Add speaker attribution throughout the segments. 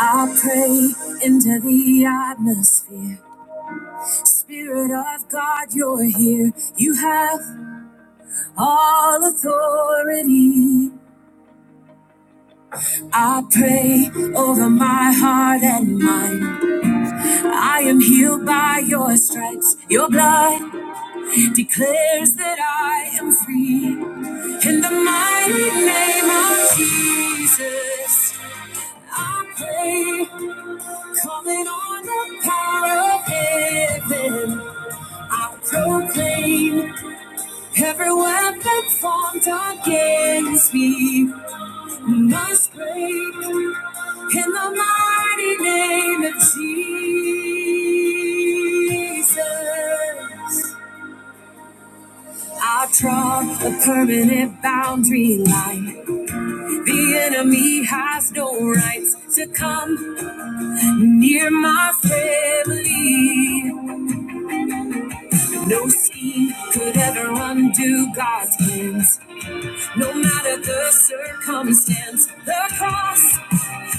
Speaker 1: I pray into the atmosphere. Spirit of God, you're here. You have all authority. I pray over my heart and mind. I am healed by your stripes. Your blood declares that I am free. In the mighty name of Jesus, I pray, calling on the power of heaven. I proclaim every weapon formed against me must break in the mighty name of Jesus. I draw a permanent boundary line. The enemy has no rights to come near my family. No scheme could ever undo God's plans. No matter the circumstance, the cross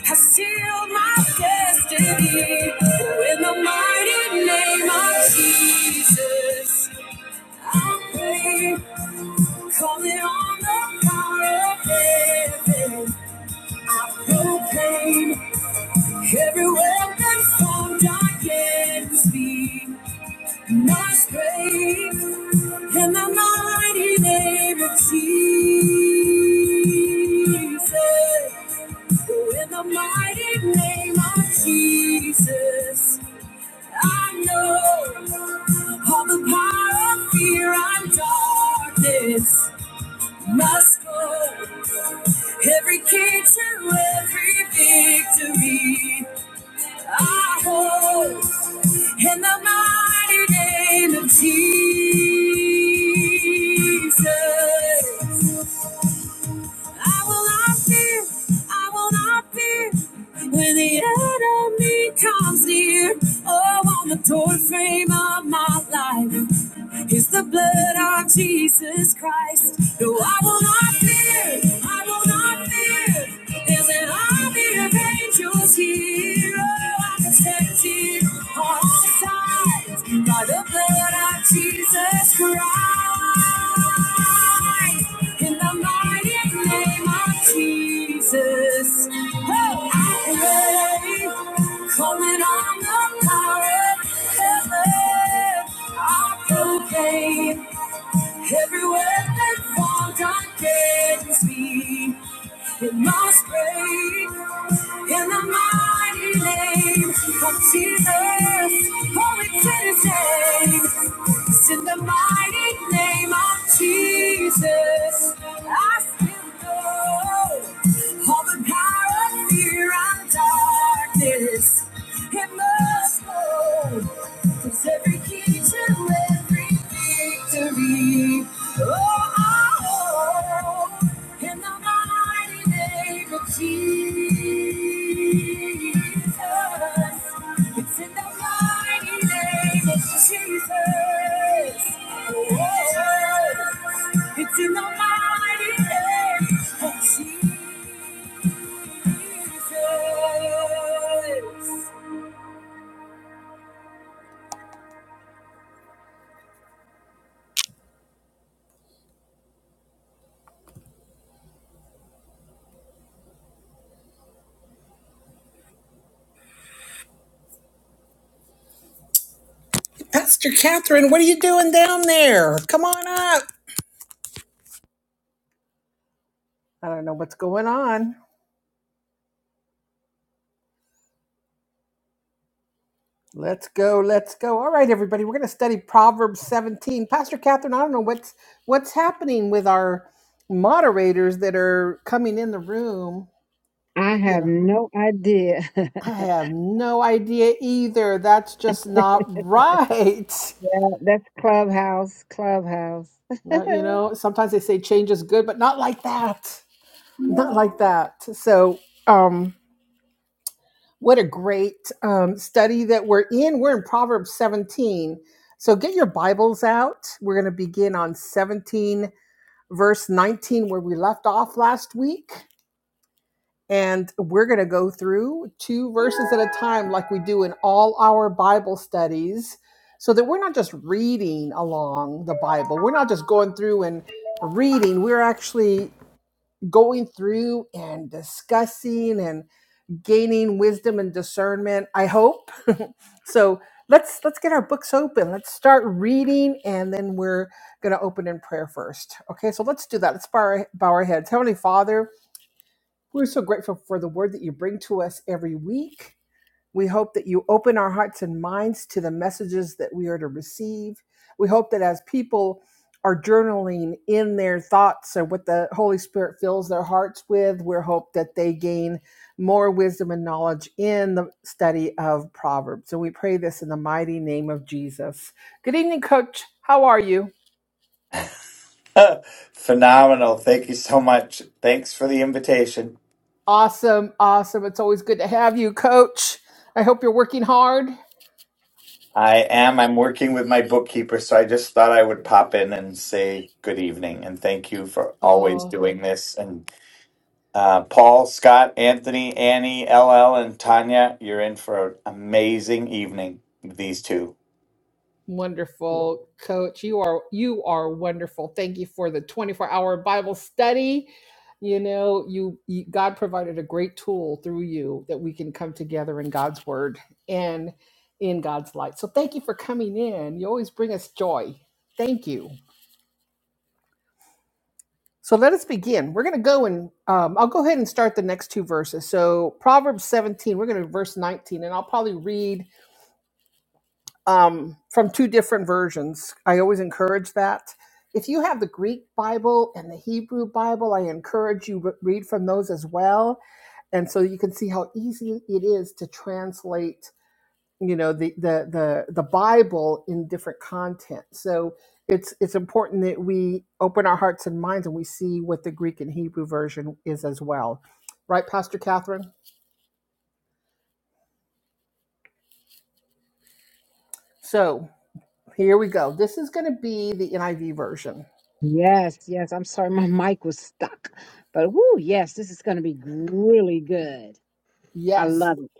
Speaker 1: has sealed my destiny. In the mighty name of Jesus, I believe, calling on the power of heaven. I proclaim every weapon formed against me must break in the mighty name of Jesus. So in the mighty name of Jesus, I know all the power of fear and darkness must go. Every key to every victory, I hold in the mighty name of Jesus. I will not fear, I will not fear. When the enemy comes near, oh, on the doorframe of my life is the blood of Jesus Christ. No, I will not fear, I will not fear. There's an army of angels here. Oh, I'm protected on all sides by the blood of Jesus Christ. In the mighty name of Jesus, oh, I pray, calling on the power of heaven, I proclaim every weapon formed against me, it must break. In the mighty name of Jesus, oh, it's insane. It's in the mighty name of Jesus. I still know all the power of fear and darkness. It must go. Cause every key to every victory. Oh, I in the mighty name of Jesus. It's in the mighty name of Jesus. Oh, it's in the mighty name of Jesus. Pastor Catherine, what are you doing down there? Come on up. I don't know what's going on. Let's go, let's go. All right, everybody, we're going to study Proverbs 17. Pastor Catherine, I don't know what's what's happening with our moderators that are coming in the room.
Speaker 2: I
Speaker 1: You
Speaker 2: have
Speaker 1: know,
Speaker 2: no idea.
Speaker 1: I have no idea either. That's just not right.
Speaker 2: That- That's Clubhouse, Clubhouse.
Speaker 1: No, you know, sometimes they say change is good, but not like that. Not like that. So, um, what a great um, study that we're in. We're in Proverbs 17. So get your Bibles out. We're going to begin on 17 verse 19 where we left off last week. And we're going to go through two verses at a time, like we do in all our Bible studies, so that we're not just reading along the Bible. We're not just going through and reading. We're actually going through and discussing and gaining wisdom and discernment i hope so let's let's get our books open let's start reading and then we're going to open in prayer first okay so let's do that let's bow our, bow our heads heavenly father we're so grateful for the word that you bring to us every week we hope that you open our hearts and minds to the messages that we are to receive. We hope that as people are journaling in their thoughts or what the Holy Spirit fills their hearts with, we hope that they gain more wisdom and knowledge in the study of Proverbs. And we pray this in the mighty name of Jesus. Good evening, Coach. How are you?
Speaker 3: Phenomenal. Thank you so much. Thanks for the invitation.
Speaker 1: Awesome, awesome. It's always good to have you, Coach. I hope you're working hard.
Speaker 3: I am. I'm working with my bookkeeper, so I just thought I would pop in and say good evening and thank you for
Speaker 1: Oh,
Speaker 3: always doing this. And uh, Paul, Scott, Anthony, Annie, LL, and Tanya, you're in for an amazing evening with these two.
Speaker 1: Wonderful coach. You are you are wonderful. Thank you for the 24-hour Bible study. You know, you, you God provided a great tool through you that we can come together in God's word and in God's light. So thank you for coming in. You always bring us joy. Thank you. So let us begin. We're going to go and um, I'll go ahead and start the next two verses. So Proverbs 17, we're going to verse 19, and I'll probably read um, from two different versions. I always encourage that. If you have the Greek Bible and the Hebrew Bible, I encourage you re- read from those as well, and so you can see how easy it is to translate, you know, the the the, the Bible in different content. So it's it's important that we open our hearts and minds and we see what the Greek and Hebrew version is as well, right, Pastor Catherine? So here we go. This is going to be the NIV version.
Speaker 2: yes, yes. I'm sorry, my mic was stuck. But whoo, yes, this is going to be really good. I
Speaker 1: Yes,
Speaker 2: love it.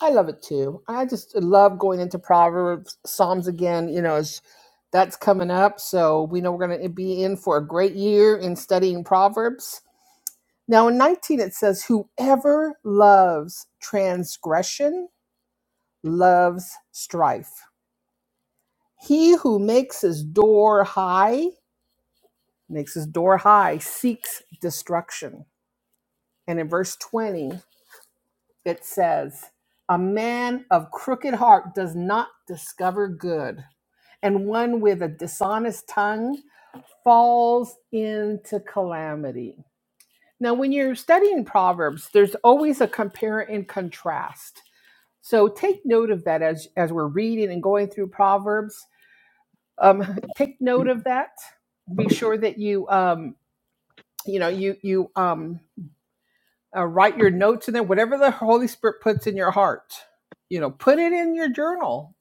Speaker 1: I love it too. I just love going into Proverbs, Psalms again. You know, as that's coming up, so we know we're going to be in for a great year in studying Proverbs. Now, in 19, it says, "Whoever loves transgression loves strife. He who makes his door high makes his door high seeks destruction." And in verse 20, it says, "A man of crooked heart does not discover good." and one with a dishonest tongue falls into calamity. Now, when you're studying Proverbs, there's always a compare and contrast. So take note of that as, as we're reading and going through Proverbs. Um, take note of that. Be sure that you, um, you know, you, you um, uh, write your notes in there, whatever the Holy Spirit puts in your heart. You know, put it in your journal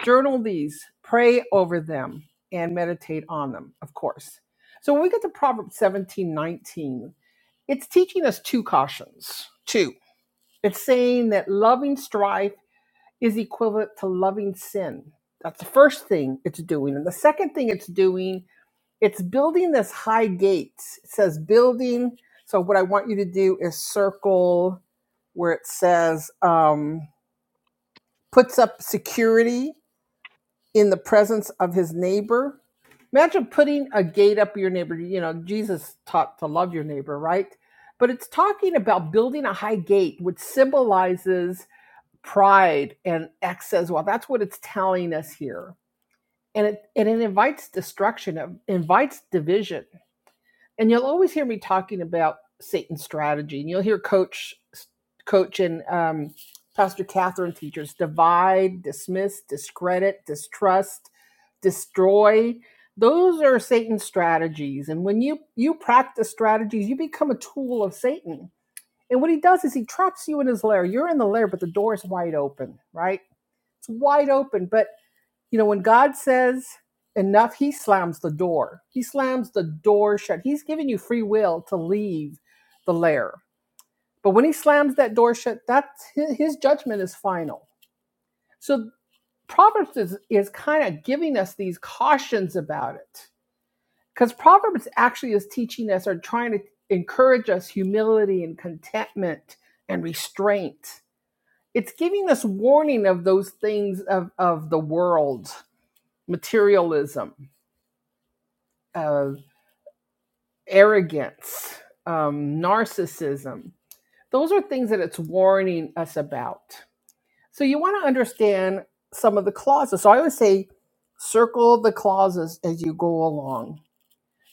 Speaker 1: journal these, pray over them, and meditate on them, of course. So when we get to Proverbs 17 19. it's teaching us two cautions. Two. It's saying that loving strife is equivalent to loving sin. That's the first thing it's doing. And the second thing it's doing, it's building this high gate. It says building. So what I want you to do is circle where it says um, puts up security in the presence of his neighbor. Imagine putting a gate up your neighbor. You know, Jesus taught to love your neighbor, right? But it's talking about building a high gate, which symbolizes pride and excess. Well, that's what it's telling us here. And it, and it invites destruction, it invites division and you'll always hear me talking about Satan's strategy, and you'll hear Coach, Coach, and um, Pastor Catherine teachers divide, dismiss, discredit, distrust, destroy. Those are Satan's strategies, and when you you practice strategies, you become a tool of Satan. And what he does is he traps you in his lair. You're in the lair, but the door is wide open, right? It's wide open, but you know, when God says enough, he slams the door. He slams the door shut. He's giving you free will to leave the lair. But when he slams that door shut, that's his judgment is final. So Proverbs is, is kind of giving us these cautions about it. Because Proverbs actually is teaching us or trying to encourage us humility and contentment and restraint. It's giving us warning of those things of, of the world, materialism, uh, arrogance, um, narcissism. Those are things that it's warning us about. So you want to understand some of the clauses. So I always say circle the clauses as you go along.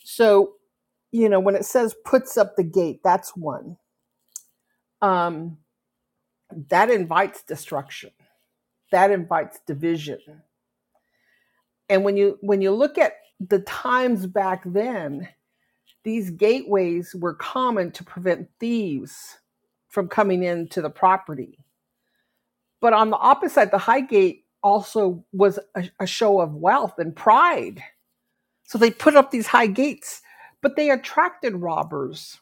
Speaker 1: So, you know, when it says puts up the gate, that's one. Um, that invites destruction. That invites division. And when you when you look at the times back then, These gateways were common to prevent thieves from coming into the property. But on the opposite side, the high gate also was a, a show of wealth and pride. So they put up these high gates, but they attracted robbers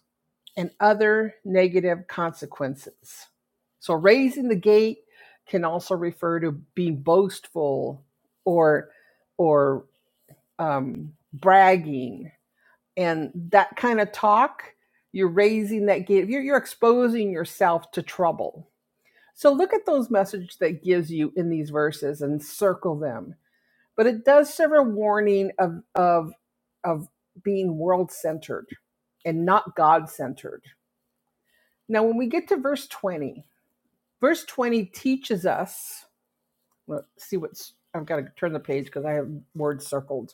Speaker 1: and other negative consequences. So raising the gate can also refer to being boastful or or um, bragging and that kind of talk you're raising that gate you're, you're exposing yourself to trouble so look at those messages that gives you in these verses and circle them but it does serve a warning of of of being world centered and not god centered now when we get to verse 20 verse 20 teaches us let's see what's i've got to turn the page because i have words circled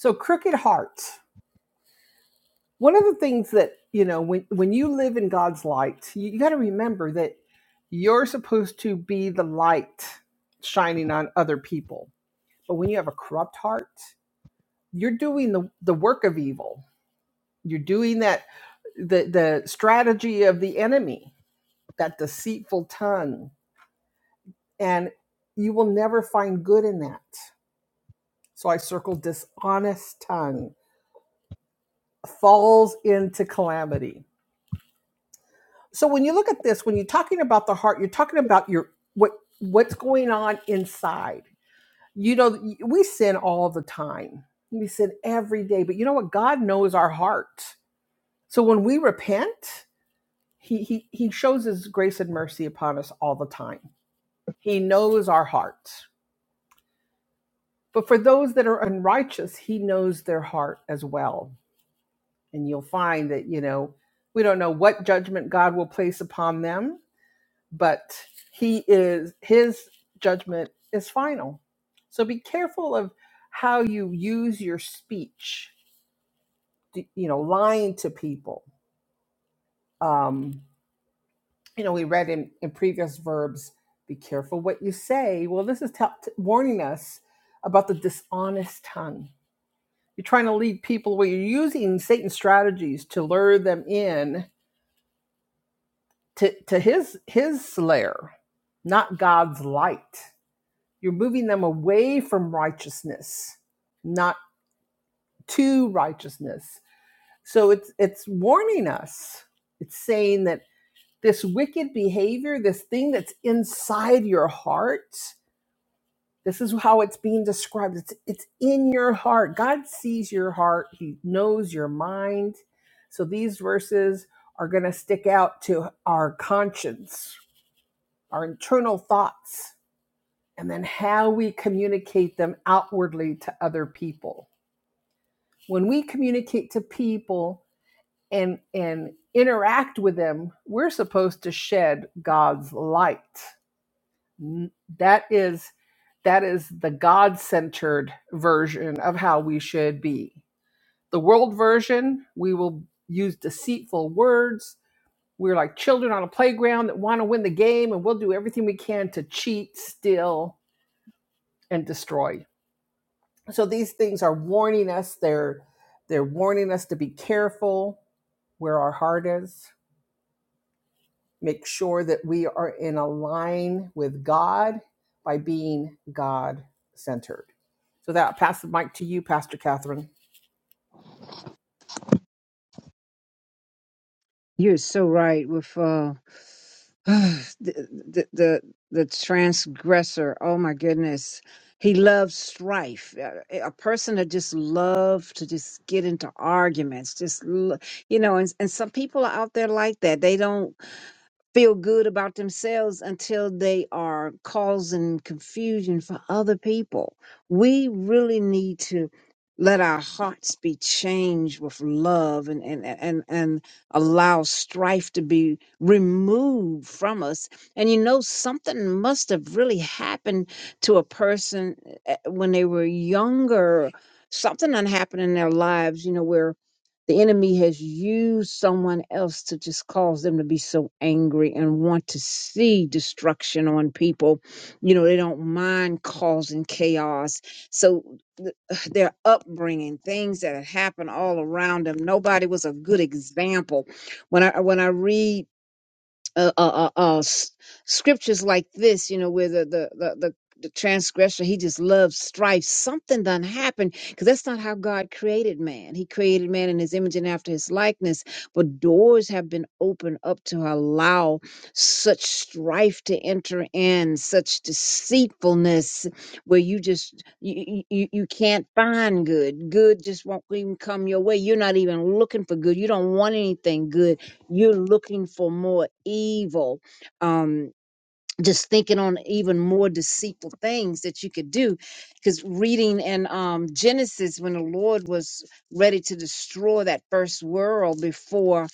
Speaker 1: so crooked hearts. one of the things that you know when when you live in god's light you, you got to remember that you're supposed to be the light shining on other people but when you have a corrupt heart you're doing the, the work of evil you're doing that the the strategy of the enemy that deceitful tongue and you will never find good in that so i circled dishonest tongue falls into calamity so when you look at this when you're talking about the heart you're talking about your what what's going on inside you know we sin all the time we sin every day but you know what god knows our heart so when we repent he he, he shows his grace and mercy upon us all the time he knows our heart but for those that are unrighteous he knows their heart as well and you'll find that you know we don't know what judgment god will place upon them but he is his judgment is final so be careful of how you use your speech you know lying to people um you know we read in, in previous verbs be careful what you say well this is tell t- warning us about the dishonest tongue you're trying to lead people where you're using satan's strategies to lure them in to, to his his lair not god's light You're moving them away from righteousness, not to righteousness. So it's it's warning us. It's saying that this wicked behavior, this thing that's inside your heart, this is how it's being described. It's it's in your heart. God sees your heart. He knows your mind. So these verses are going to stick out to our conscience, our internal thoughts and then how we communicate them outwardly to other people. When we communicate to people and and interact with them, we're supposed to shed God's light. That is that is the God-centered version of how we should be. The world version, we will use deceitful words. We're like children on a playground that want to win the game and we'll do everything we can to cheat, steal, and destroy so these things are warning us they're they're warning us to be careful where our heart is make sure that we are in a line with god by being god centered so that I'll pass the mic to you pastor catherine
Speaker 2: You're so right with uh, the, the the the transgressor. Oh my goodness, he loves strife. A a person that just loves to just get into arguments. Just lo- you know, and and some people are out there like that. They don't. feel good about themselves until they are causing confusion for other people. We really need to let our hearts be changed with love and, and, and, and allow strife to be removed from us. And you know, something must have really happened to a person eh, when they were younger. Something done happened in their lives, you know, where the enemy has used someone else to just cause them to be so angry and want to see destruction on people. You know, they don't mind causing chaos. So th- their upbringing, things that had happened all around them, nobody was a good example. When I when I read uh, uh, uh, uh, s- scriptures like this, you know, where the the the, the the transgressor, he just loves strife. Something done happened because that's not how God created man. He created man in his image and after his likeness. But doors have been opened up to allow such strife to enter in, such deceitfulness, where you just you you, you can't find good. Good just won't even come your way. You're not even looking for good. You don't want anything good you're looking for more evil. Um, just thinking on even more deceitful things that you could do because reading in um, genesis when the lord was ready to destroy that first world before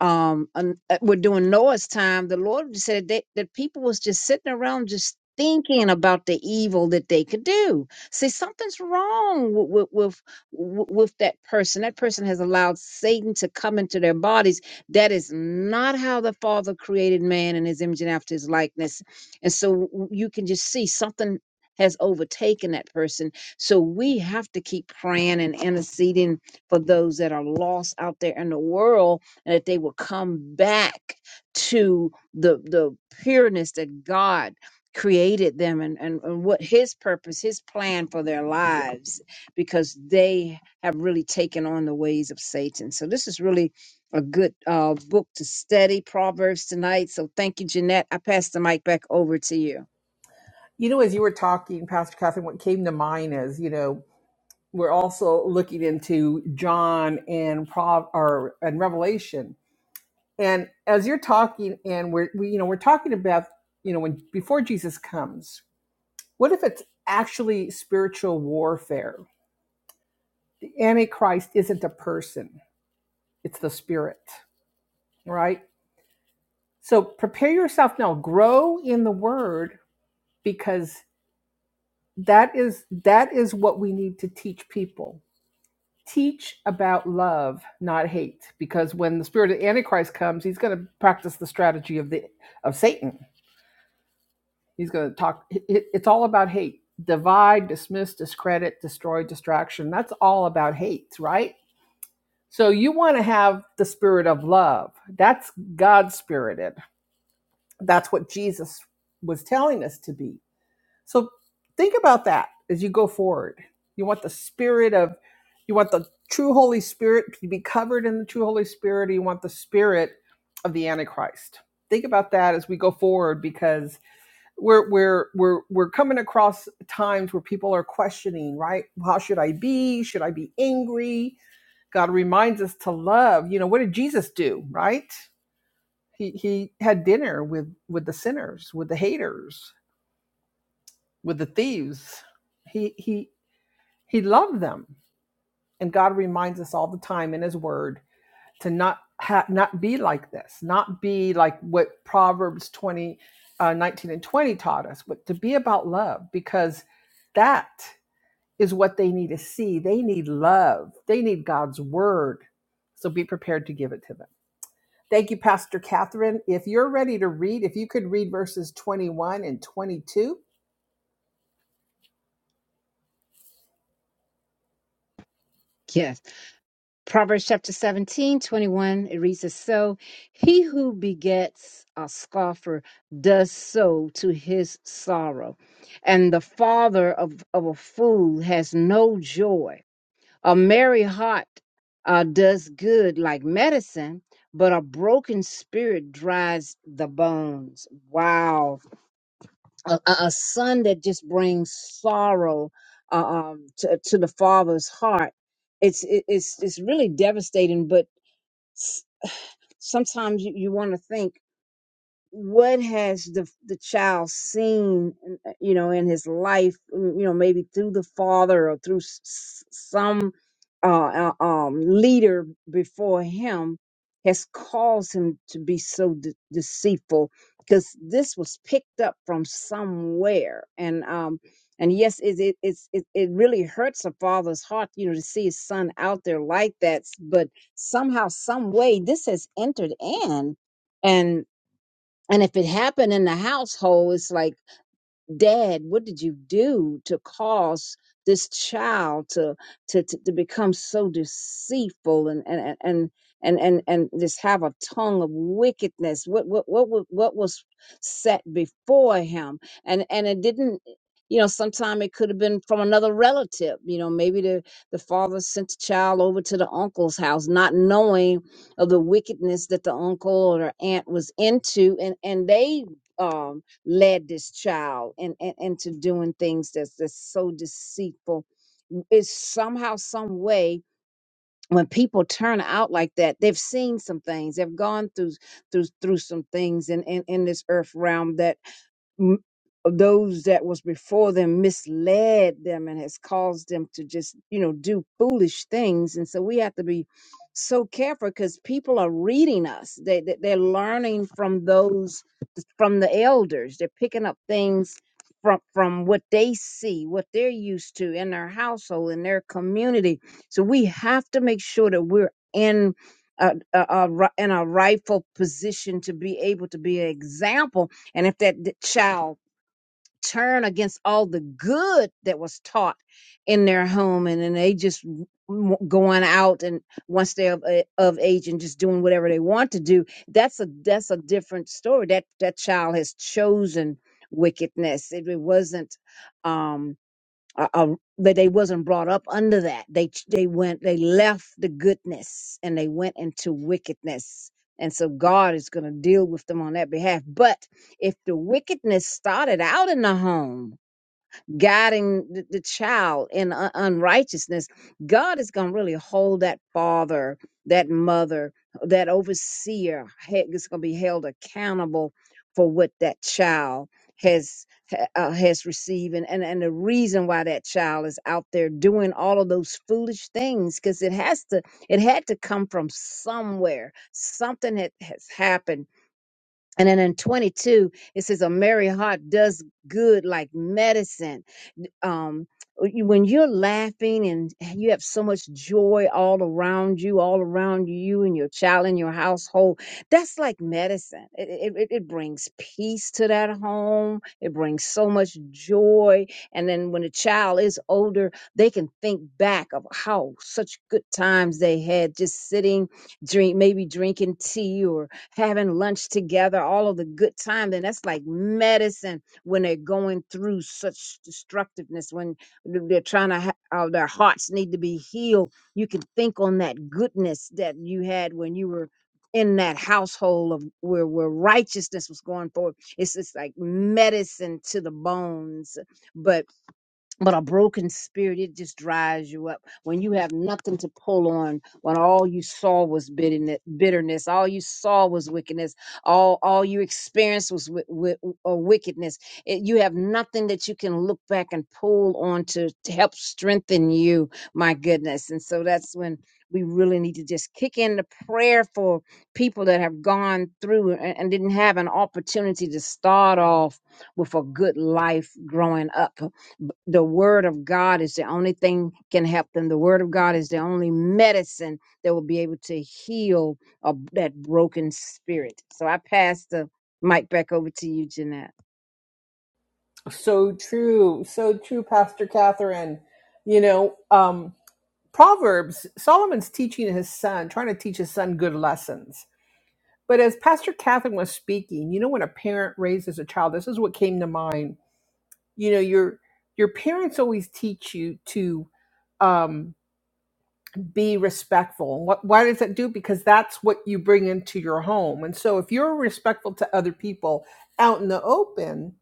Speaker 2: um an- uh, we're doing noah's time the lord said that, that people was just sitting around just thinking about the evil that they could do see something's wrong with with with, with that person that person has allowed satan to come into their bodies that is not how the father created man in his image and after his likeness and so you can just see something has overtaken that person. So we have to keep praying and interceding for those that are lost out there in the world and that they will come back to the the pureness that God created them and, and, and what his purpose, his plan for their lives, because they have really taken on the ways of Satan. So this is really a good uh, book to study Proverbs tonight. So thank you, Jeanette. I pass the mic back over to you.
Speaker 1: you know as you were talking pastor catherine what came to mind is you know we're also looking into John and Prov or and Revelation. And as you're talking, and we're we, you know we're talking about you know when before Jesus comes, what if it's actually spiritual warfare? The Antichrist isn't a person; it's the spirit, right? So prepare yourself now. Grow in the Word because that is that is what we need to teach people teach about love, not hate, because when the spirit of the Antichrist comes, he's going to practice the strategy of the of Satan. He's going to talk. it- It's all about hate: divide, dismiss, discredit, destroy, distraction. That's all about hate, right? So you want to have the spirit of love. That's God spirited. That's what Jesus was telling us to be. So think about that as you go forward. You want the spirit of, you want the true Holy Spirit to be covered in the true Holy Spirit. You want the spirit of the Antichrist. Think about that as we go forward because we're we're we're we're coming across times where people are questioning, right? How should I be? Should I be angry? God reminds us to love. You know, what did Jesus do, right? He he had dinner with with the sinners, with the haters, with the thieves he he He loved them. And God reminds us all the time in his word to not ha- not be like this, not be like what Proverbs 20 uh, 19 and 20 taught us, but to be about love because that is what they need to see. They need love. They need God's word. So be prepared to give it to them. Thank you, Pastor Catherine. If you're ready to read, if you could read verses 21 and 22.
Speaker 2: Yes. Proverbs chapter 17, 21. it reads as so He who begets a scoffer does so to his sorrow, and the father of, of a fool has no joy. A merry heart uh, does good like medicine, but a broken spirit dries the bones. Wow a, a a son that just brings sorrow uh, um, to, to the father's heart. It's it, it's it's really devastating. But s- sometimes you, you want to think what has the the child seen you know in his life mm, you know maybe through the father or through s- s- some uh, uh, um leader before him has caused him to be so de- deceitful because this was picked up from somewhere and um and yes it it it's, it it really hurts a father's heart you know to see his son out there like that s- but somehow some way this has entered in and if it happened in the household, it's like dad what did you do to cause this child to to to, to become so deceitful and and and and and and just have a tongue of wickedness what what what wa- what was set before him and and it didn't you know sometime it could have been from another relative you know maybe the the father sent the child over to the uncle's house not knowing of the wickedness that the uncle or the aunt was into and and they um, led this child and, and into doing things that's that's so deceitful It's somehow some way when people turn out like that they've seen some things they've gone through through through some things in in, in this earth realm that m- those that was before them misled them and has caused them to just you know do foolish things and so we have to be so careful because people are reading us they, they they're learning from those from the elders they're picking up things from from what they see what they're used to in their household in their community so we have to make sure that we're in a, a, a ri- in a rightful position to be able to be an example and if that d- child turn against all the good that was taught in their home, and then they just w- going out and once they're of, a- of age and just doing whatever they want to do, that's a that's a different story. That that child has chosen wickedness. It, it wasn't. Um, uh, uh, but they wasn't brought up under that. They ch- they went they left the goodness and they went into wickedness. And so God is going to deal with them on that behalf. But if the wickedness started out in the home, guiding the, the child in un- unrighteousness, God is going to really hold that father, that mother, that overseer he- is going to be held accountable for what that child has ha- uh, has received and, and and the reason why that child is out there doing all of those foolish things because it has to it had to come from somewhere something had, has happened and then in 22, it says, A merry heart does good like medicine. Um, you- when you're laughing and you have so much joy all around you, all around you and your child and your household, that's like medicine. It, it, it it brings peace to that home, it brings so much joy. And then when a child is older, they can think back of how such good times they had just sitting, drink, maybe drinking tea or having lunch together, all of the good time, then that's like medicine when they're going through such destructiveness, when they're trying to, ha- uh, their hearts need to be healed. You can think on that goodness that you had when you were in that household of where, where righteousness was going forward. It's just like medicine to the bones. But but a broken spirit, it just dries you up. When you have nothing to pull on, when all you saw was bitterness, bitterness, all you saw was wickedness, all all you experienced was wi- wi- uh, wickedness. It, you have nothing that you can look back and pull on to, to help strengthen you. My goodness, and so that's when we really need to just kick in the prayer for people that have gone through and, and didn't have an opportunity to start off with a good life growing up the word of God is the only thing can help them. The word of God is the only medicine that will be able to heal a, that broken spirit. So I pass the mic back over to you, Jeanette.
Speaker 1: So true. So true, Pastor Catherine. You know, um, Proverbs, Solomon's teaching his son, trying to teach his son good lessons. But as Pastor Catherine was speaking, you know, when a parent raises a child, this is what came to mind. You know, your your parents always teach you to um, be respectful. What, why does that do? Because that's what you bring into your home. And so, if you're respectful to other people out in the open,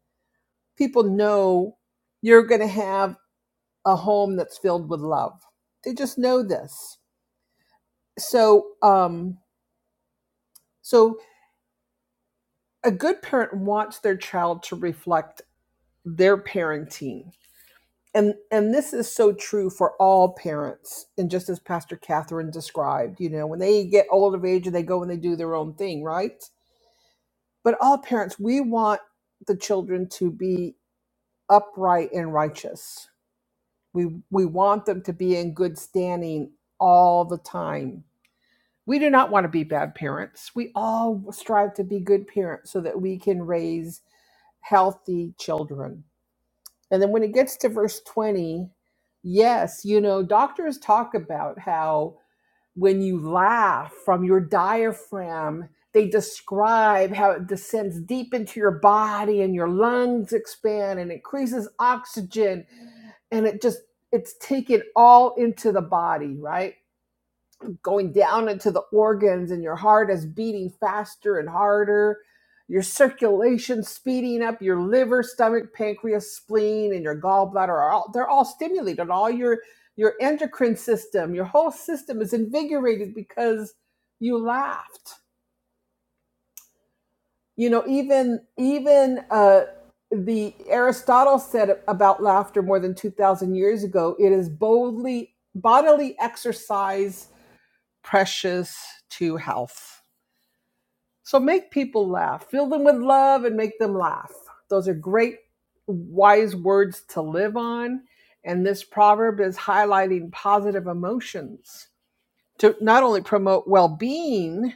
Speaker 1: people know you're going to have a home that's filled with love. They just know this. So, um, So a good parent wants their child to reflect their parenting. And and this is so true for all parents. And just as Pastor Catherine described, you know, when they get old of age and they go and they do their own thing, right? But all parents, we want the children to be upright and righteous. We we want them to be in good standing all the time. We do not want to be bad parents. We all strive to be good parents so that we can raise healthy children. And then when it gets to verse 20, yes, you know, doctors talk about how when you laugh from your diaphragm, they describe how it descends deep into your body and your lungs expand and increases oxygen and it just it's taken all into the body, right? going down into the organs and your heart is beating faster and harder your circulation speeding up your liver stomach pancreas spleen and your gallbladder are all they're all stimulated all your your endocrine system your whole system is invigorated because you laughed you know even even uh, the aristotle said about laughter more than 2000 years ago it is boldly bodily exercise precious to health So make people laugh. Fill them with love and make them laugh. Those are great, wise words to live on. And this proverb is highlighting positive emotions to not only promote well being,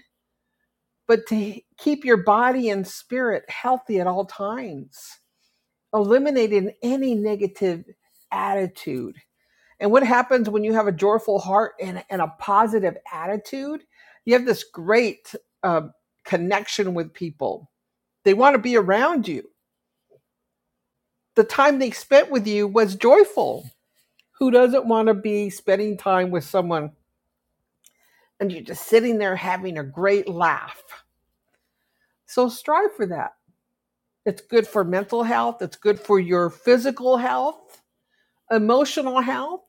Speaker 1: but to keep your body and spirit healthy at all times, eliminating any negative attitude. And what happens when you have a joyful heart and, and a positive attitude? You have this great uh, connection with people they want to be around you. The time they spent with you was joyful. Who doesn't want to be spending time with someone and you're just sitting there having a great laugh? So strive for that. It's good for mental health, it's good for your physical health, emotional health.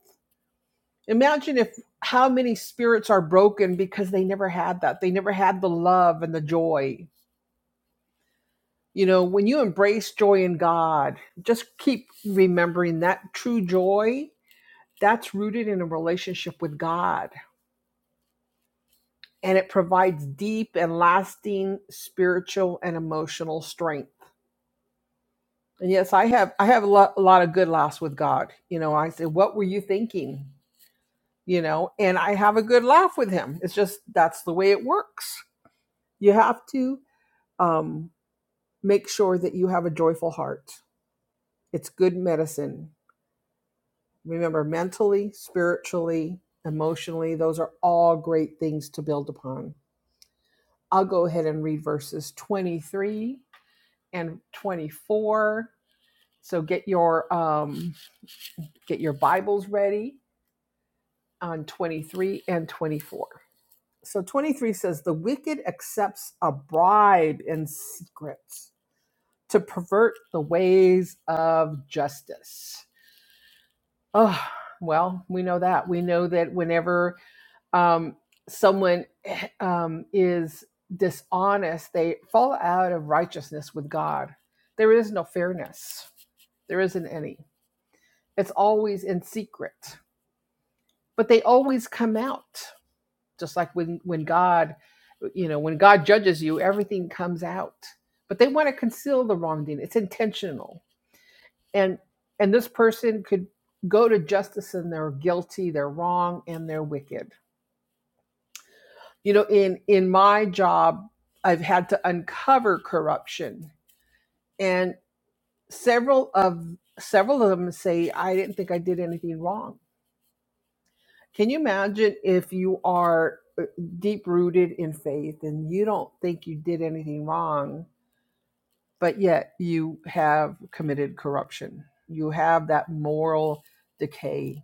Speaker 1: Imagine if how many spirits are broken because they never had that. They never had the love and the joy. You know, when you embrace joy in God, just keep remembering that true joy that's rooted in a relationship with God. And it provides deep and lasting spiritual and emotional strength. And yes, I have I have a lot, a lot of good laughs with God. You know, I say, "What were you thinking?" You know, and I have a good laugh with Him. It's just that's the way it works. You have to um, make sure that you have a joyful heart. It's good medicine. Remember, mentally, spiritually, emotionally, those are all great things to build upon I'll go ahead and read verses 23 and 24. So get your um, get your Bibles ready on 23 and 24. So 23 says the wicked accepts a bribe in secret to pervert the ways of justice. Oh, well, we know that. We know that whenever um, someone eh, um, is dishonest, they fall out of righteousness with God. There is no fairness, there isn't any. It's always in secret, but they always come out. Just like when, when God, you know, when God judges you, everything comes out. But they want to conceal the wrongdoing. It's intentional, and and this person could go to justice and they're guilty, they're wrong, and they're wicked you know in in my job i've had to uncover corruption and several of several of them say i didn't think i did anything wrong can you imagine if you are deep rooted in faith and you don't think you did anything wrong but yet you have committed corruption you have that moral decay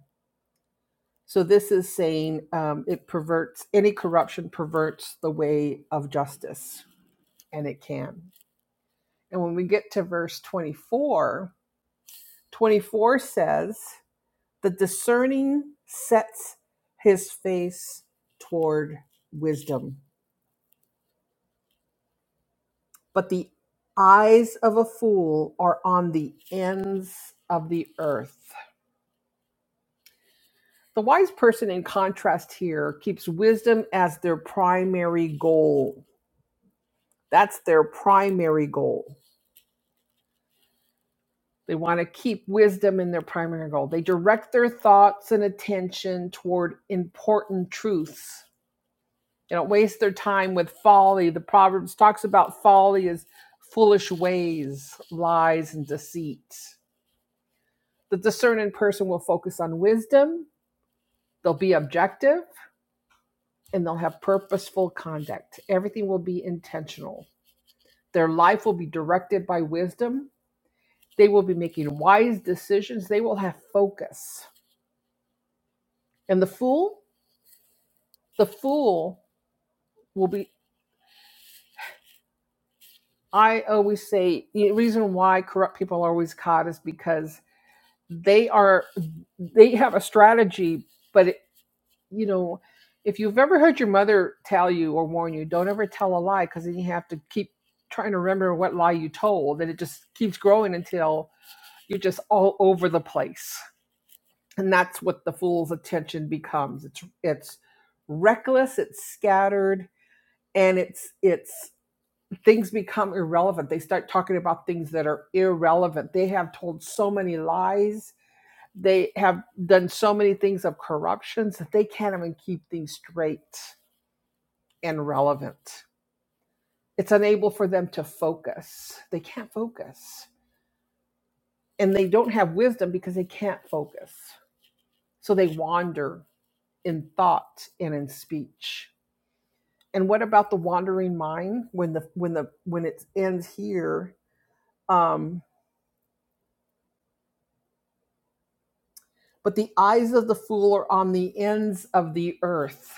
Speaker 1: so this is saying um, it perverts any corruption perverts the way of justice and it can And when we get to verse 24, 24 says, The discerning sets his face toward wisdom, but the eyes of a fool are on the ends of the earth. The wise person, in contrast here, keeps wisdom as their primary goal. That's their primary goal. They want to keep wisdom in their primary goal. They direct their thoughts and attention toward important truths. They don't waste their time with folly. The Proverbs talks about folly as foolish ways, lies, and deceit. The discerning person will focus on wisdom, they'll be objective, and they'll have purposeful conduct. Everything will be intentional. Their life will be directed by wisdom. They will be making wise decisions. They will have focus. And the fool? the fool will be i always say the reason why corrupt people are always caught is because they are they have a strategy but it, you know if you've ever heard your mother tell you or warn you don't ever tell a lie because then you have to keep trying to remember what lie you told and it just keeps growing until you're just all over the place and that's what the fool's attention becomes it's it's reckless it's scattered and it's it's things become irrelevant. They start talking about things that are irrelevant. They have told so many lies. They have done so many things of corruptions that they can't even keep things straight and relevant. It's unable for them to focus. They can't focus. And they don't have wisdom because they can't focus. So they wander in thought and in speech. And what about the wandering mind when the when the when it ends here? Um, But the eyes of the fool are on the ends of the earth.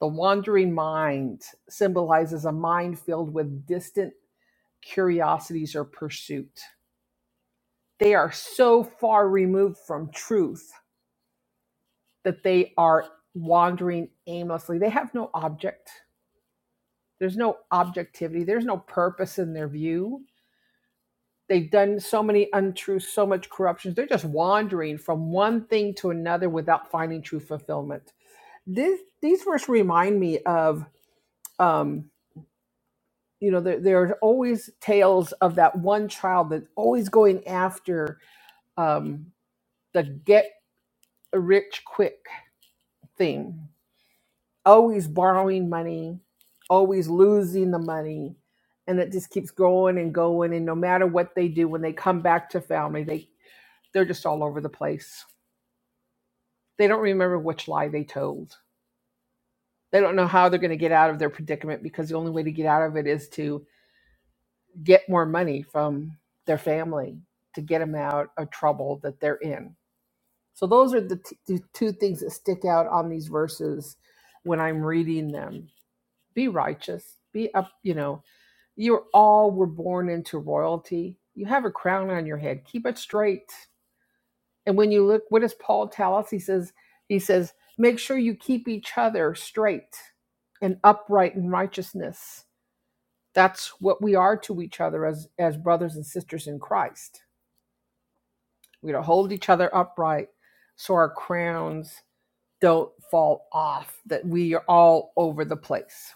Speaker 1: The wandering mind symbolizes a mind filled with distant curiosities or pursuit. They are so far removed from truth that they are wandering aimlessly. They have no object. There's no objectivity. There's no purpose in their view. They've done so many untruths, so much corruptions. They're just wandering from one thing to another without finding true fulfillment this these verse remind me of um you know there, there are always tales of that one child that's always going after um the get rich quick thing always borrowing money always losing the money and it just keeps going and going and no matter what they do when they come back to family they they're just all over the place they don't remember which lie they told they don't know how they're going to get out of their predicament because the only way to get out of it is to get more money from their family to get them out of trouble that they're in. So those are the, t- the two things that stick out on these verses when I'm reading them. Be righteous, be up, you know, you're all were born into royalty. You have a crown on your head. Keep it straight. And when you look, what does Paul tell us? He says, he says, make sure you keep each other straight and upright in righteousness that's what we are to each other as as brothers and sisters in Christ. We to hold each other upright so our crowns don't fall off, that we are all over the place.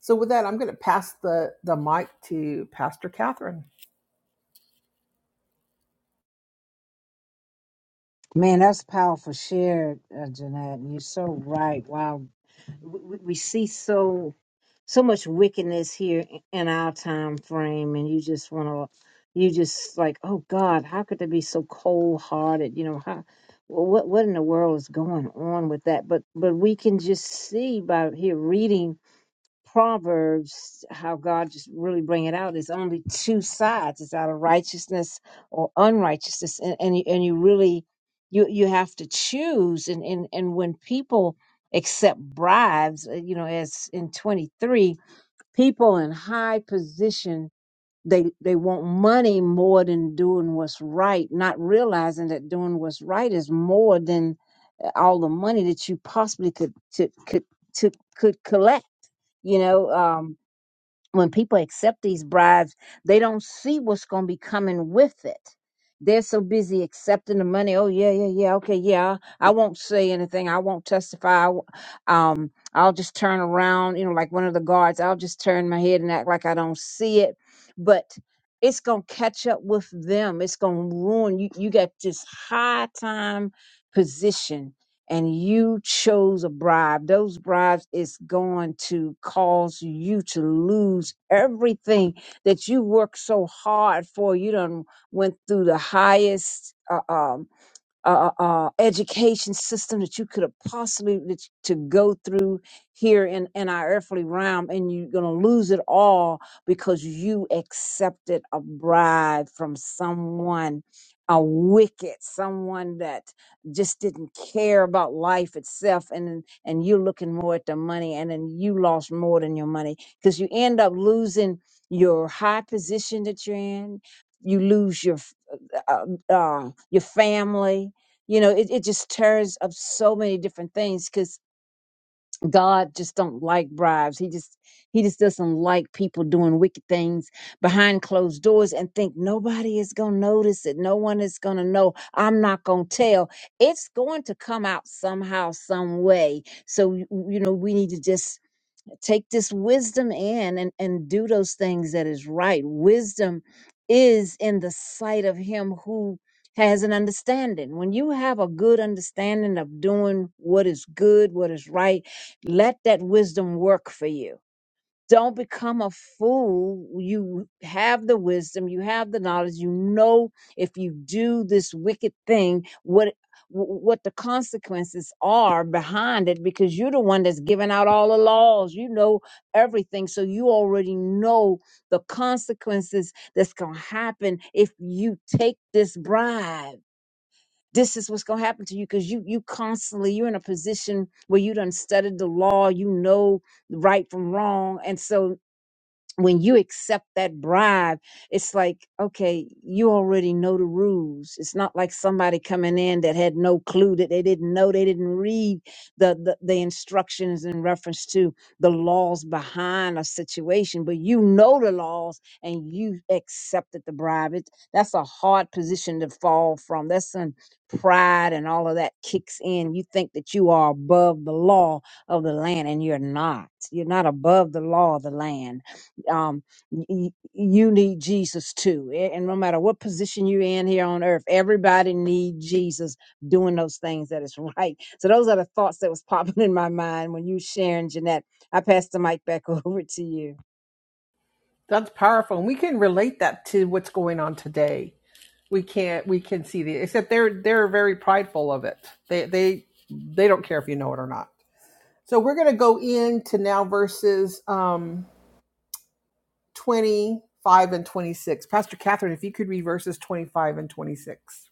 Speaker 1: So with that, I'm gonna pass the, the mic to Pastor Catherine.
Speaker 2: Man, that's powerful share, uh, Jeanette. and You're so right. Wow. We, we we see so. so much wickedness here in our time frame and you just want to you just like oh god how could they be so cold hearted you know how what what in the world is going on with that but but we can just see by here reading proverbs how god just really bring it out it's only two sides it's out of righteousness or unrighteousness and and you, and you really you you have to choose and and and when people accept bribes uh, you know as in 23 people in high position they they want money more than doing what's right not realizing that doing what's right is more than uh, all the money that you possibly could to, could to, could collect you know um when people accept these bribes, they don't see what's going to be coming with it. They're so busy accepting the money. Oh yeah, yeah, yeah. Okay, yeah. I won't say anything. I won't testify. I w- Um, I'll just turn around. You know, like one of the guards. I'll just turn my head and act like I don't see it. But it's gonna catch up with them. It's gonna ruin you. You got this high time position and you chose a bribe, those bribes is going to cause you to lose everything that you worked so hard for. You done went through the highest. Uh, um, uh, uh, education system that you could have possibly that you- to go through here in, in our earthly realm, and you're going to lose it all because you accepted a bribe from someone, a wicked, someone that just didn't care about life itself, and then- and you're looking more at the money, and then you lost more than your money because you end up losing your high position that you're in. You lose your um, um, your family. You know, it, it just stirs up so many different things because God just don't like bribes. He just he just doesn't like people doing wicked things behind closed doors and think nobody is gonna notice it. No one is gonna know. I'm not gonna tell. It's going to come out somehow, some way. So you know, we need to just take this wisdom in and, and do those things that is right. Wisdom is in the sight of him who has an understanding. When you have a good understanding of doing what is good, what is right, let that wisdom work for you don't become a fool. You have the wisdom, you have the knowledge, you know if you do this wicked thing, what what the consequences are behind it because you're the one that's giving out all the laws you know everything so you already know the consequences that's going to happen if you take this bribe this is what's going to happen to you because you you constantly you're in a position where you done studied the law you know right from wrong. And so when you accept that bribe, it's like, okay, you already know the rules. It's not like somebody coming in that had no clue that they didn't know, they didn't read the, the, the instructions in reference to the laws behind a situation, but you know the laws and you accepted the bribe. It, that's a hard position to fall from. That's when pride and all of that kicks in. You think that you are above the law of the land and you're not. You're not above the law of the land um, y- you need Jesus too. A- And no matter what position you're in here on earth, everybody need Jesus doing those things that is right. So those are the thoughts that was popping in my mind when you sharing, Jeanette. I pass the mic back over to you.
Speaker 1: That's powerful. And we can relate that to what's going on today. we can't we can see the except they're they're very prideful of it they they they don't care if you know it or not so we're going to go into now verses um 25 and 26 pastor catherine if you could read verses 25 and 26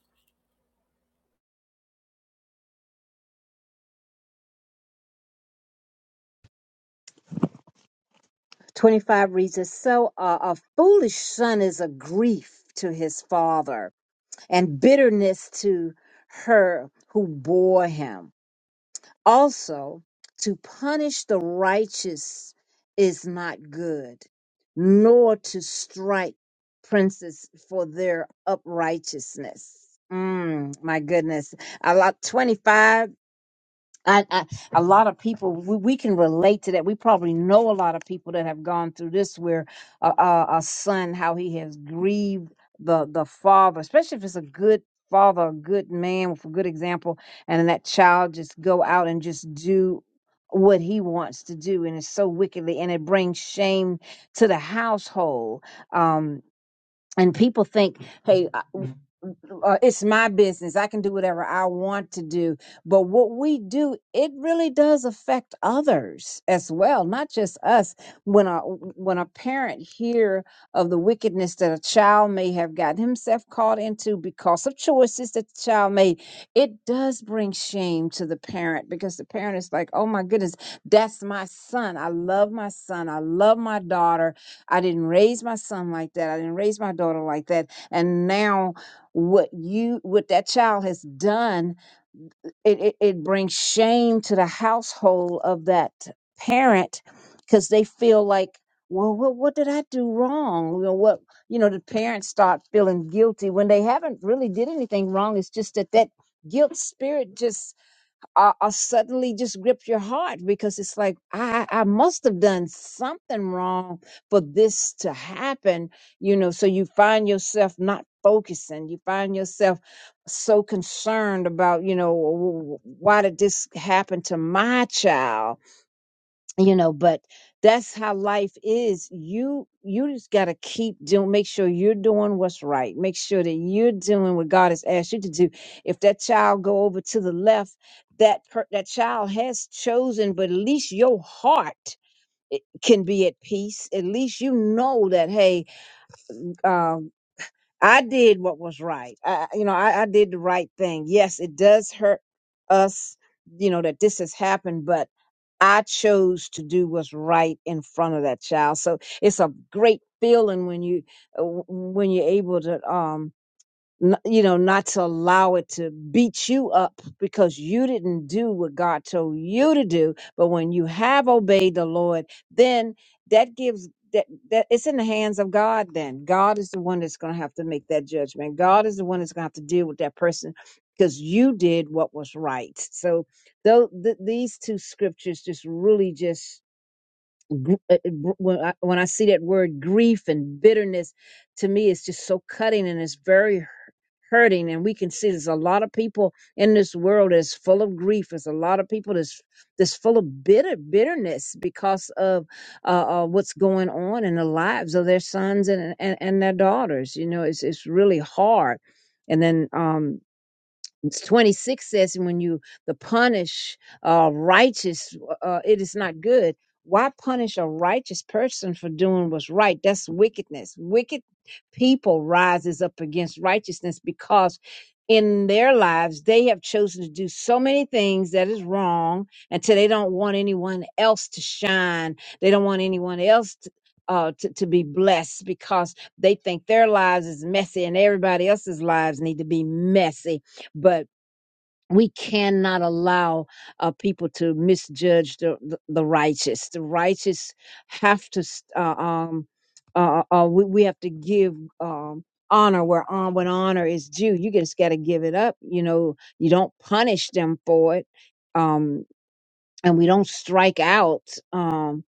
Speaker 2: 25 reads as so uh, a foolish son is a grief to his father and bitterness to her who bore him Also, to punish the righteous is not good, nor to strike princes for their uprightness. Mm, my goodness. I like 25. I, I, a lot of people we, we can relate to that. We probably know a lot of people that have gone through this, where a, a, a son how he has grieved the the father, especially if it's a good father, a good man with a good example, and then that child just go out and just do what he wants to do, and it's so wickedly, and it brings shame to the household. Um, and people think, hey uh, it's my business. I can do whatever I want to do. But what we do, it really does affect others as well, not just us. When a when a parent hear of the wickedness that a child may have gotten himself caught into because of choices that the child made, it does bring shame to the parent because the parent is like, "Oh my goodness, that's my son. I love my son. I love my daughter. I didn't raise my son like that. I didn't raise my daughter like that." And now what you what that child has done it, it, it brings shame to the household of that parent because they feel like well what, what did i do wrong you know what you know the parents start feeling guilty when they haven't really did anything wrong it's just that that guilt spirit just are, are suddenly just grip your heart because it's like I, I must have done something wrong for this to happen you know so you find yourself not focusing you find yourself so concerned about you know "Wh- wh- why did this happen to my child you know but that's how life is you you just got to keep doing make sure you're doing what's right make sure that you're doing what god has asked you to do if that child go over to the left that per, that child has chosen but at least your heart i- can be at peace at least you know that hey um, I did what was right. I, you know, I, I did the right thing. Yes, it does hurt us, you know, that this has happened, but I chose to do what's right in front of that child. So it's a great feeling when you uh, w- when you're able to um n- you know, not to allow it to beat you up because you didn't do what God told you to do. But when you have obeyed the Lord, then that gives that, that it's in the hands of God. Then God is the one that's going to have to make that judgment. God is the one that's going to have to deal with that person because you did what was right. So though th- these two scriptures just really just gr- uh, uh, gr- when I, when I see that word grief and bitterness, to me, it's just so cutting and it's very hu- hurting. And we can see there's a lot of people in this world that's full of grief. There's a lot of people that's that's full of bitter bitterness because of uh, uh, what's going on in the lives of their sons and and, and their daughters. You know, it's it's really hard. And then um, 26 says and when you the punish uh righteous uh, it is not good why punish a righteous person for doing what's right that's wickedness wicked people rises up against righteousness because in their lives they have chosen to do so many things that is wrong until they don't want anyone else to shine they don't want anyone else to uh, to, to be blessed because they think their lives is messy and everybody else's lives need to be messy but we cannot allow uh, people to misjudge the, the, the righteous. The righteous have to, s- uh, um, uh, uh, uh, we, we have to give um, honor where on when honor is due. You just got to give it up. You know, you don't punish them for it. Um, and we don't strike out um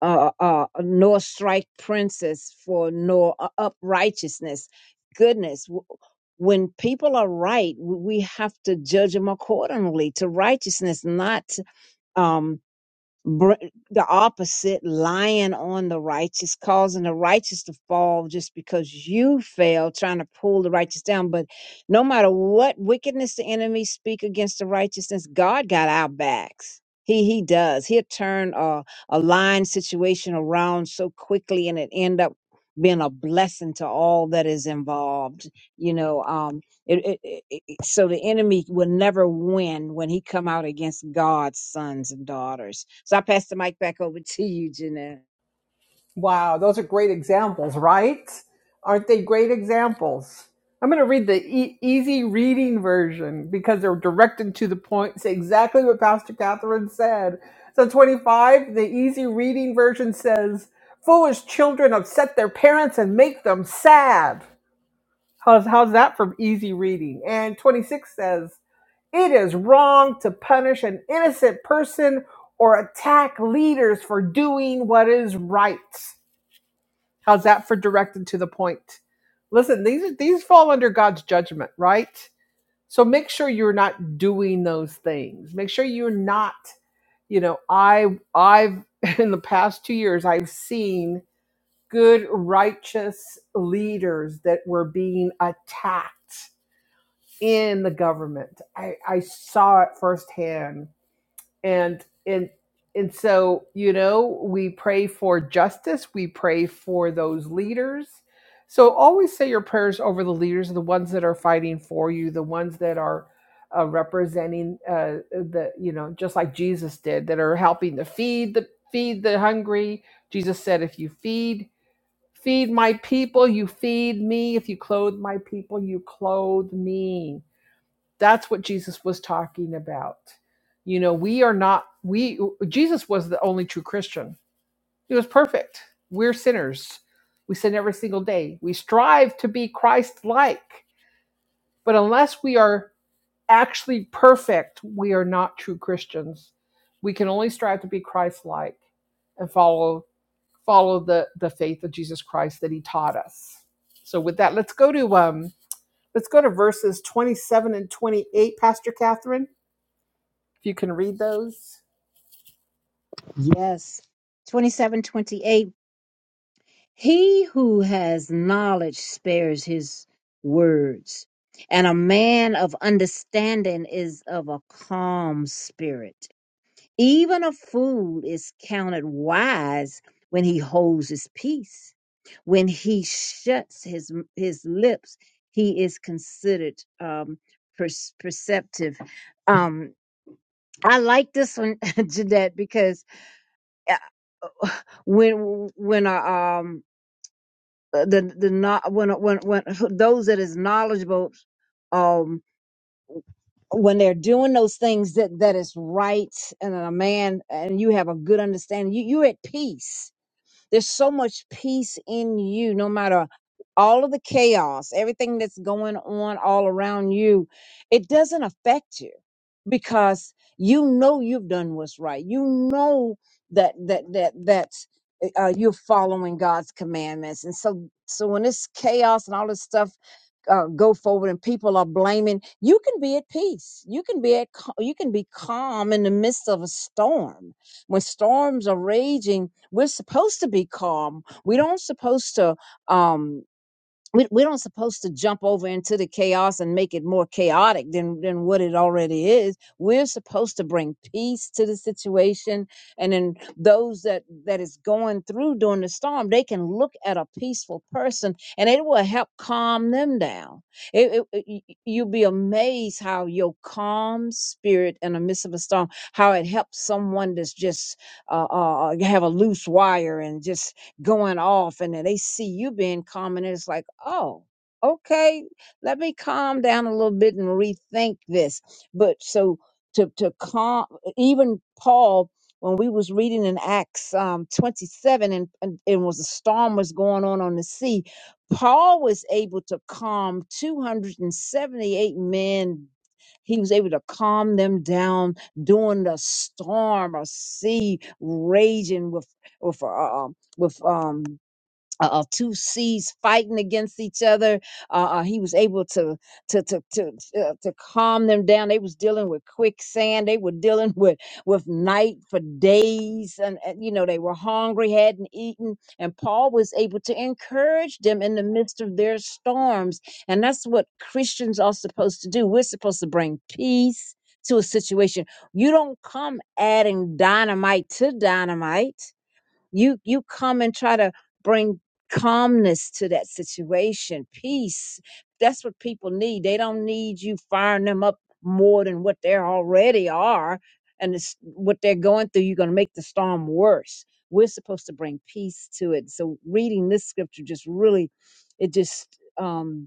Speaker 2: uh, uh nor strike princes for nor u- uprighteousness goodness w- when people are right w- we have to judge them accordingly to righteousness not um, br- the opposite, lying on the righteous, causing the righteous to fall just because you fail, trying to pull the righteous down. But no matter what wickedness the enemy speak against the righteousness, God got our backs. He he does. He'll turn a, a lying situation around so quickly and it end up being a blessing to all that is involved. You know, um, it, it, it, it- so the enemy will never win when he come out against God's sons and daughters. So I pass the mic back over to you, Jeanette.
Speaker 1: Wow, those are great examples, right? Aren't they great examples? I'm going to read the e- easy reading version because they're directed to the point. Say exactly what Pastor Catherine said. So 25, the easy reading version says, "Foolish children upset their parents and make them sad." How's how's that from easy reading? And 26 says, "It is wrong to punish an innocent person or attack leaders for doing what is right." How's that for direct and to the point? Listen, these these fall under God's judgment, right? So make sure you're not doing those things. Make sure you're not, you know, I I've in the past 2 years I've seen good righteous leaders that were being attacked in the government. I I saw it firsthand and and and so you know we pray for justice we pray for those leaders so always say your prayers over the leaders the ones that are fighting for you the ones that are uh, representing uh, the you know just like jesus did that are helping to feed the feed the hungry jesus said if you feed feed my people you feed me if you clothe my people you clothe me that's what Jesus was talking about. You know, we are not, we, Jesus was the only true Christian. He was perfect. We're sinners. We sin every single day. We strive to be Christ like. But unless we are actually perfect, we are not true Christians. We can only strive to be Christ like and follow follow the the faith of Jesus Christ that he taught us. So with that, let's go to um let's go to verses 27 and 28, Pastor Catherine If you can read those.
Speaker 2: Yes. 2728. He who has knowledge spares his words, and a man of understanding is of a calm spirit. Even a fool is counted wise when he holds his peace. When he shuts his his lips, he is considered um, per- perceptive. Um, I like this one, Jeanette, because uh, when when uh, um uh, the the not when when when those that is knowledgeable um when they're doing those things that that is right and a man and you have a good understanding you you're at peace There's so much peace in you, no matter all of the chaos, everything that's going on all around you. It doesn't affect you because you know you've done what's right. You know that that that that's uh, uh, you're following God's commandments, and so so when this chaos and all this stuff uh, go forward and people are blaming you can be at peace you can be at cal- you can be calm in the midst of a storm when storms are raging, we're supposed to be calm. We don't supposed to um we, we don't supposed to jump over into the chaos and make it more chaotic than than what it already is we're supposed to bring peace to the situation and then those that that is going through during the storm they can look at a peaceful person and it will help calm them down it, it- it- y- y- you'll be amazed how your calm spirit in the midst of a storm how it helps someone that's just uh, uh uh, have a loose wire and just going off and then they see you being calm and it's like, oh, okay, let me calm down a little bit and rethink this. But so to to calm even Paul when we was reading in Acts um, 27 and, and it was a storm was going on on the sea, Paul was able to calm 278 men. He was able to calm them down during the storm or sea raging with with uh, with um uh, uh, two seas fighting against each other. Uh, uh, he was able to to to to uh, to calm them down. They was dealing with quicksand. They were dealing with with night for days, and, and you know they were hungry, hadn't eaten, and Paul was able to encourage them in the midst of their storms. And that's what Christians are supposed to do. We're supposed to bring peace to a situation. You don't come adding dynamite to dynamite you you come and try to bring calmness to that situation peace that's what people need they don't need you firing them up more than what they already are and it's what they're going through you're going to make the storm worse we're supposed to bring peace to it so reading this scripture just really it just um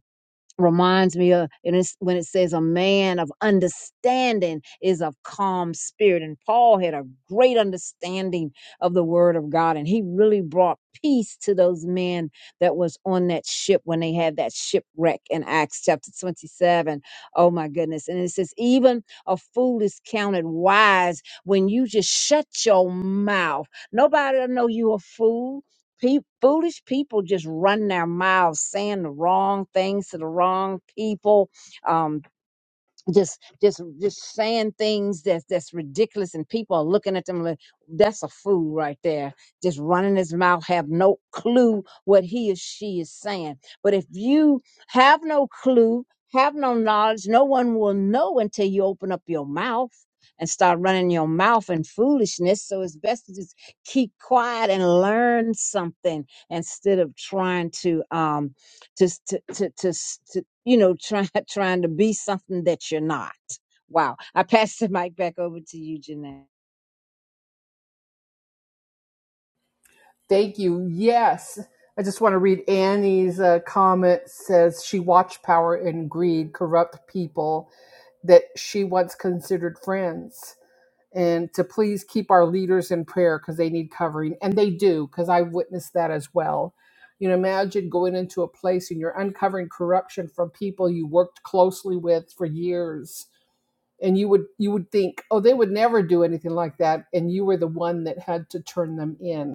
Speaker 2: reminds me of and it's when it says a man of understanding is of calm spirit and paul had a great understanding of the word of god and he really brought peace to those men that was on that ship when they had that shipwreck in acts chapter 27 oh my goodness and it says even a fool is counted wise when you just shut your mouth nobody will know you a fool Pe- foolish people just run their mouths saying the wrong things to the wrong people. um, just just just saying things that's that's ridiculous and people are looking at them like that's a fool right there just running his mouth have no clue what he or she is saying but if you have no clue have no knowledge no one will know until you open up your mouth and start running your mouth in foolishness so it's best to just keep quiet and learn something instead of trying to um to to to, to, to you know try, trying to be something that you're not. Wow! I pass the mic back over to you, Jeanette.
Speaker 1: Thank you. Yes. I just want to read Annie's uh, comment says she watched power and greed corrupt people that she once considered friends. And to please keep our leaders in prayer because they need covering. And they do, because I witnessed that as well. You know, imagine going into a place and you're uncovering corruption from people you worked closely with for years. And you would you would think, oh, they would never do anything like that. And you were the one that had to turn them in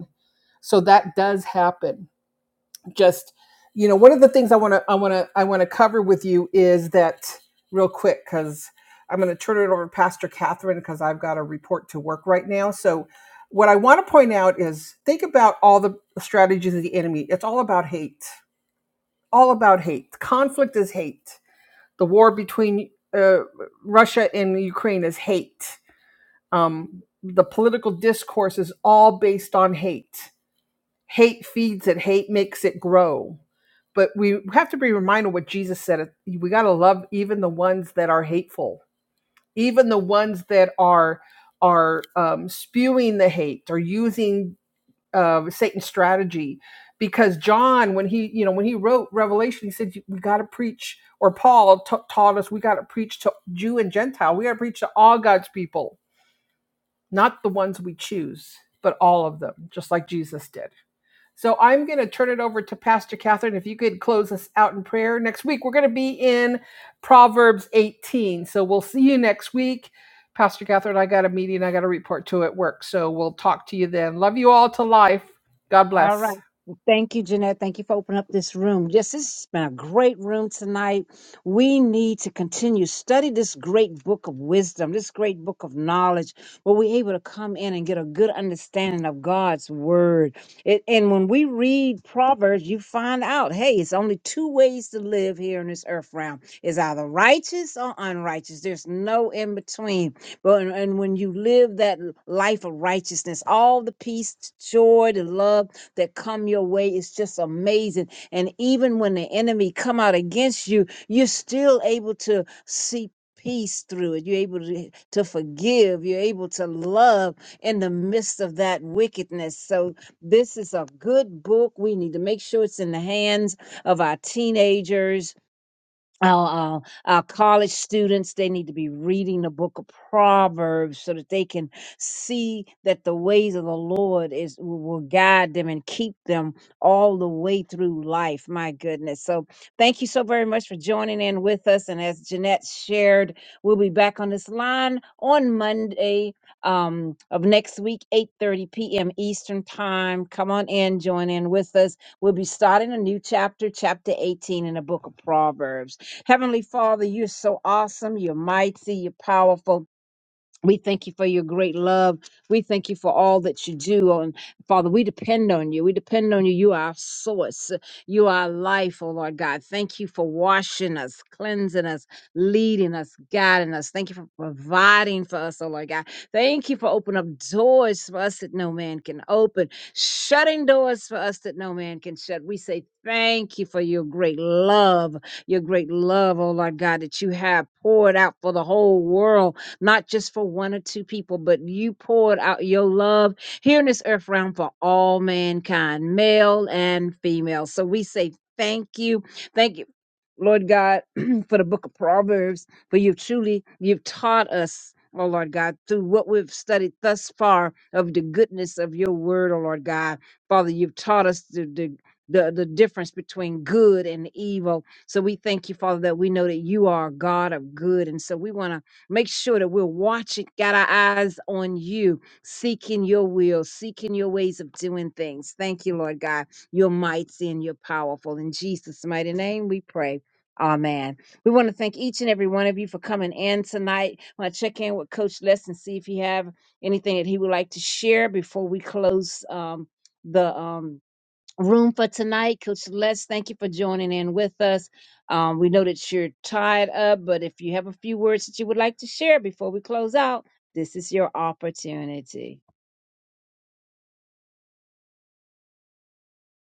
Speaker 1: So that does happen. Just you know, one of the things I want to I want to I want to cover with you is that real quick because I'm going to turn it over to Pastor Catherine because I've got a report to work right now. So what I want to point out is think about all the strategies of the enemy. It's all about hate. All about hate. Conflict is hate. The war between uh, Russia and Ukraine is hate. Um, the political discourse is all based on hate hate feeds it hate makes it grow but we have to be reminded what jesus said we got to love even the ones that are hateful even the ones that are are um, spewing the hate or using uh, satan's strategy because john when he you know when he wrote revelation he said we got to preach or paul ta- taught us we got to preach to jew and gentile we got to preach to all god's people not the ones we choose but all of them just like jesus did so I'm going to turn it over to Pastor Catherine. If you could close us out in prayer. Next week, we're going to be in Proverbs 18. So we'll see you next week. Pastor Catherine, I got a meeting I got a report to at work. So we'll talk to you then. Love you all to life. God
Speaker 2: All right.
Speaker 1: bless.
Speaker 2: Thank you, Jeanette. Thank you for opening up this room. Yes, this has been a great room tonight. We need to continue study this great book of wisdom, this great book of knowledge, where we're able to come in and get a good understanding of God's word. It, and when we read Proverbs, you find out, hey, it's only two ways to live here in this earth realm. It's either righteous or unrighteous. There's no in between. But and and when you live that life of righteousness, all the peace, joy, the love that come your way is just amazing. And even when the enemy come out against you, you're still able to see peace through it. You're able to, to forgive. You're able to love in the midst of that wickedness. So this is a good book. We need to make sure it's in the hands of our teenagers our, uh, our college students they need to be reading the book of proverbs so that they can see that the ways of the lord is will will guide them and keep them all the way through life my goodness so thank you so very much for joining in with us and as jeanette shared we'll be back on this line on monday um, of next week 8.30 p.m eastern time come on in join in with us we'll be starting a new chapter chapter 18 in the book of proverbs Heavenly Father, you're so awesome, you're mighty, you're powerful. We thank you for your great love. We thank you for all that you do. And Father, we depend on you. We depend on you. You are our source. You are our life, oh Lord God. Thank you for washing us, cleansing us, leading us, guiding us. Thank you for providing for us, oh Lord God. Thank you for opening up doors for us that no man can open, shutting doors for us that no man can shut. We say thank you for your great love, your great love, oh Lord God, that you have poured out for the whole world not just for one or two people, but you poured out your love here in this earth realm for all mankind, male and female. So we say thank you. Thank you, Lord God, for the book of Proverbs, for you've truly, you've taught us. Oh Lord God, through what we've studied thus far of the goodness of your word, oh Lord God. Father, you've taught us the, the, the, the difference between good and evil. So we thank you, Father, that we know that you are a God of good. And so we want to Make sure that we're watching, got our eyes on you, seeking your will, seeking your ways of doing things. Thank you, Lord God. You're mighty and you're powerful. In Jesus' mighty name, we pray. Amen. We want to thank each and every one of you for coming in tonight. I want to check in with Coach Les and see if he have anything that he would like to share before we close um, the um, room for tonight. Coach Les, thank you for joining in with us. Um, we know that you're tied up, but if you have a few words that you would like to share before we close out, this is your opportunity.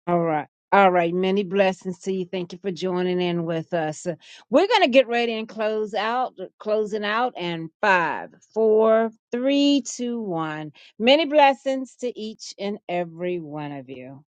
Speaker 2: All right. All right, many blessings to you. Thank you for joining in with us. We're gonna get ready and close out, closing out, and five, four, three, two, one. Many blessings to each and every one of you.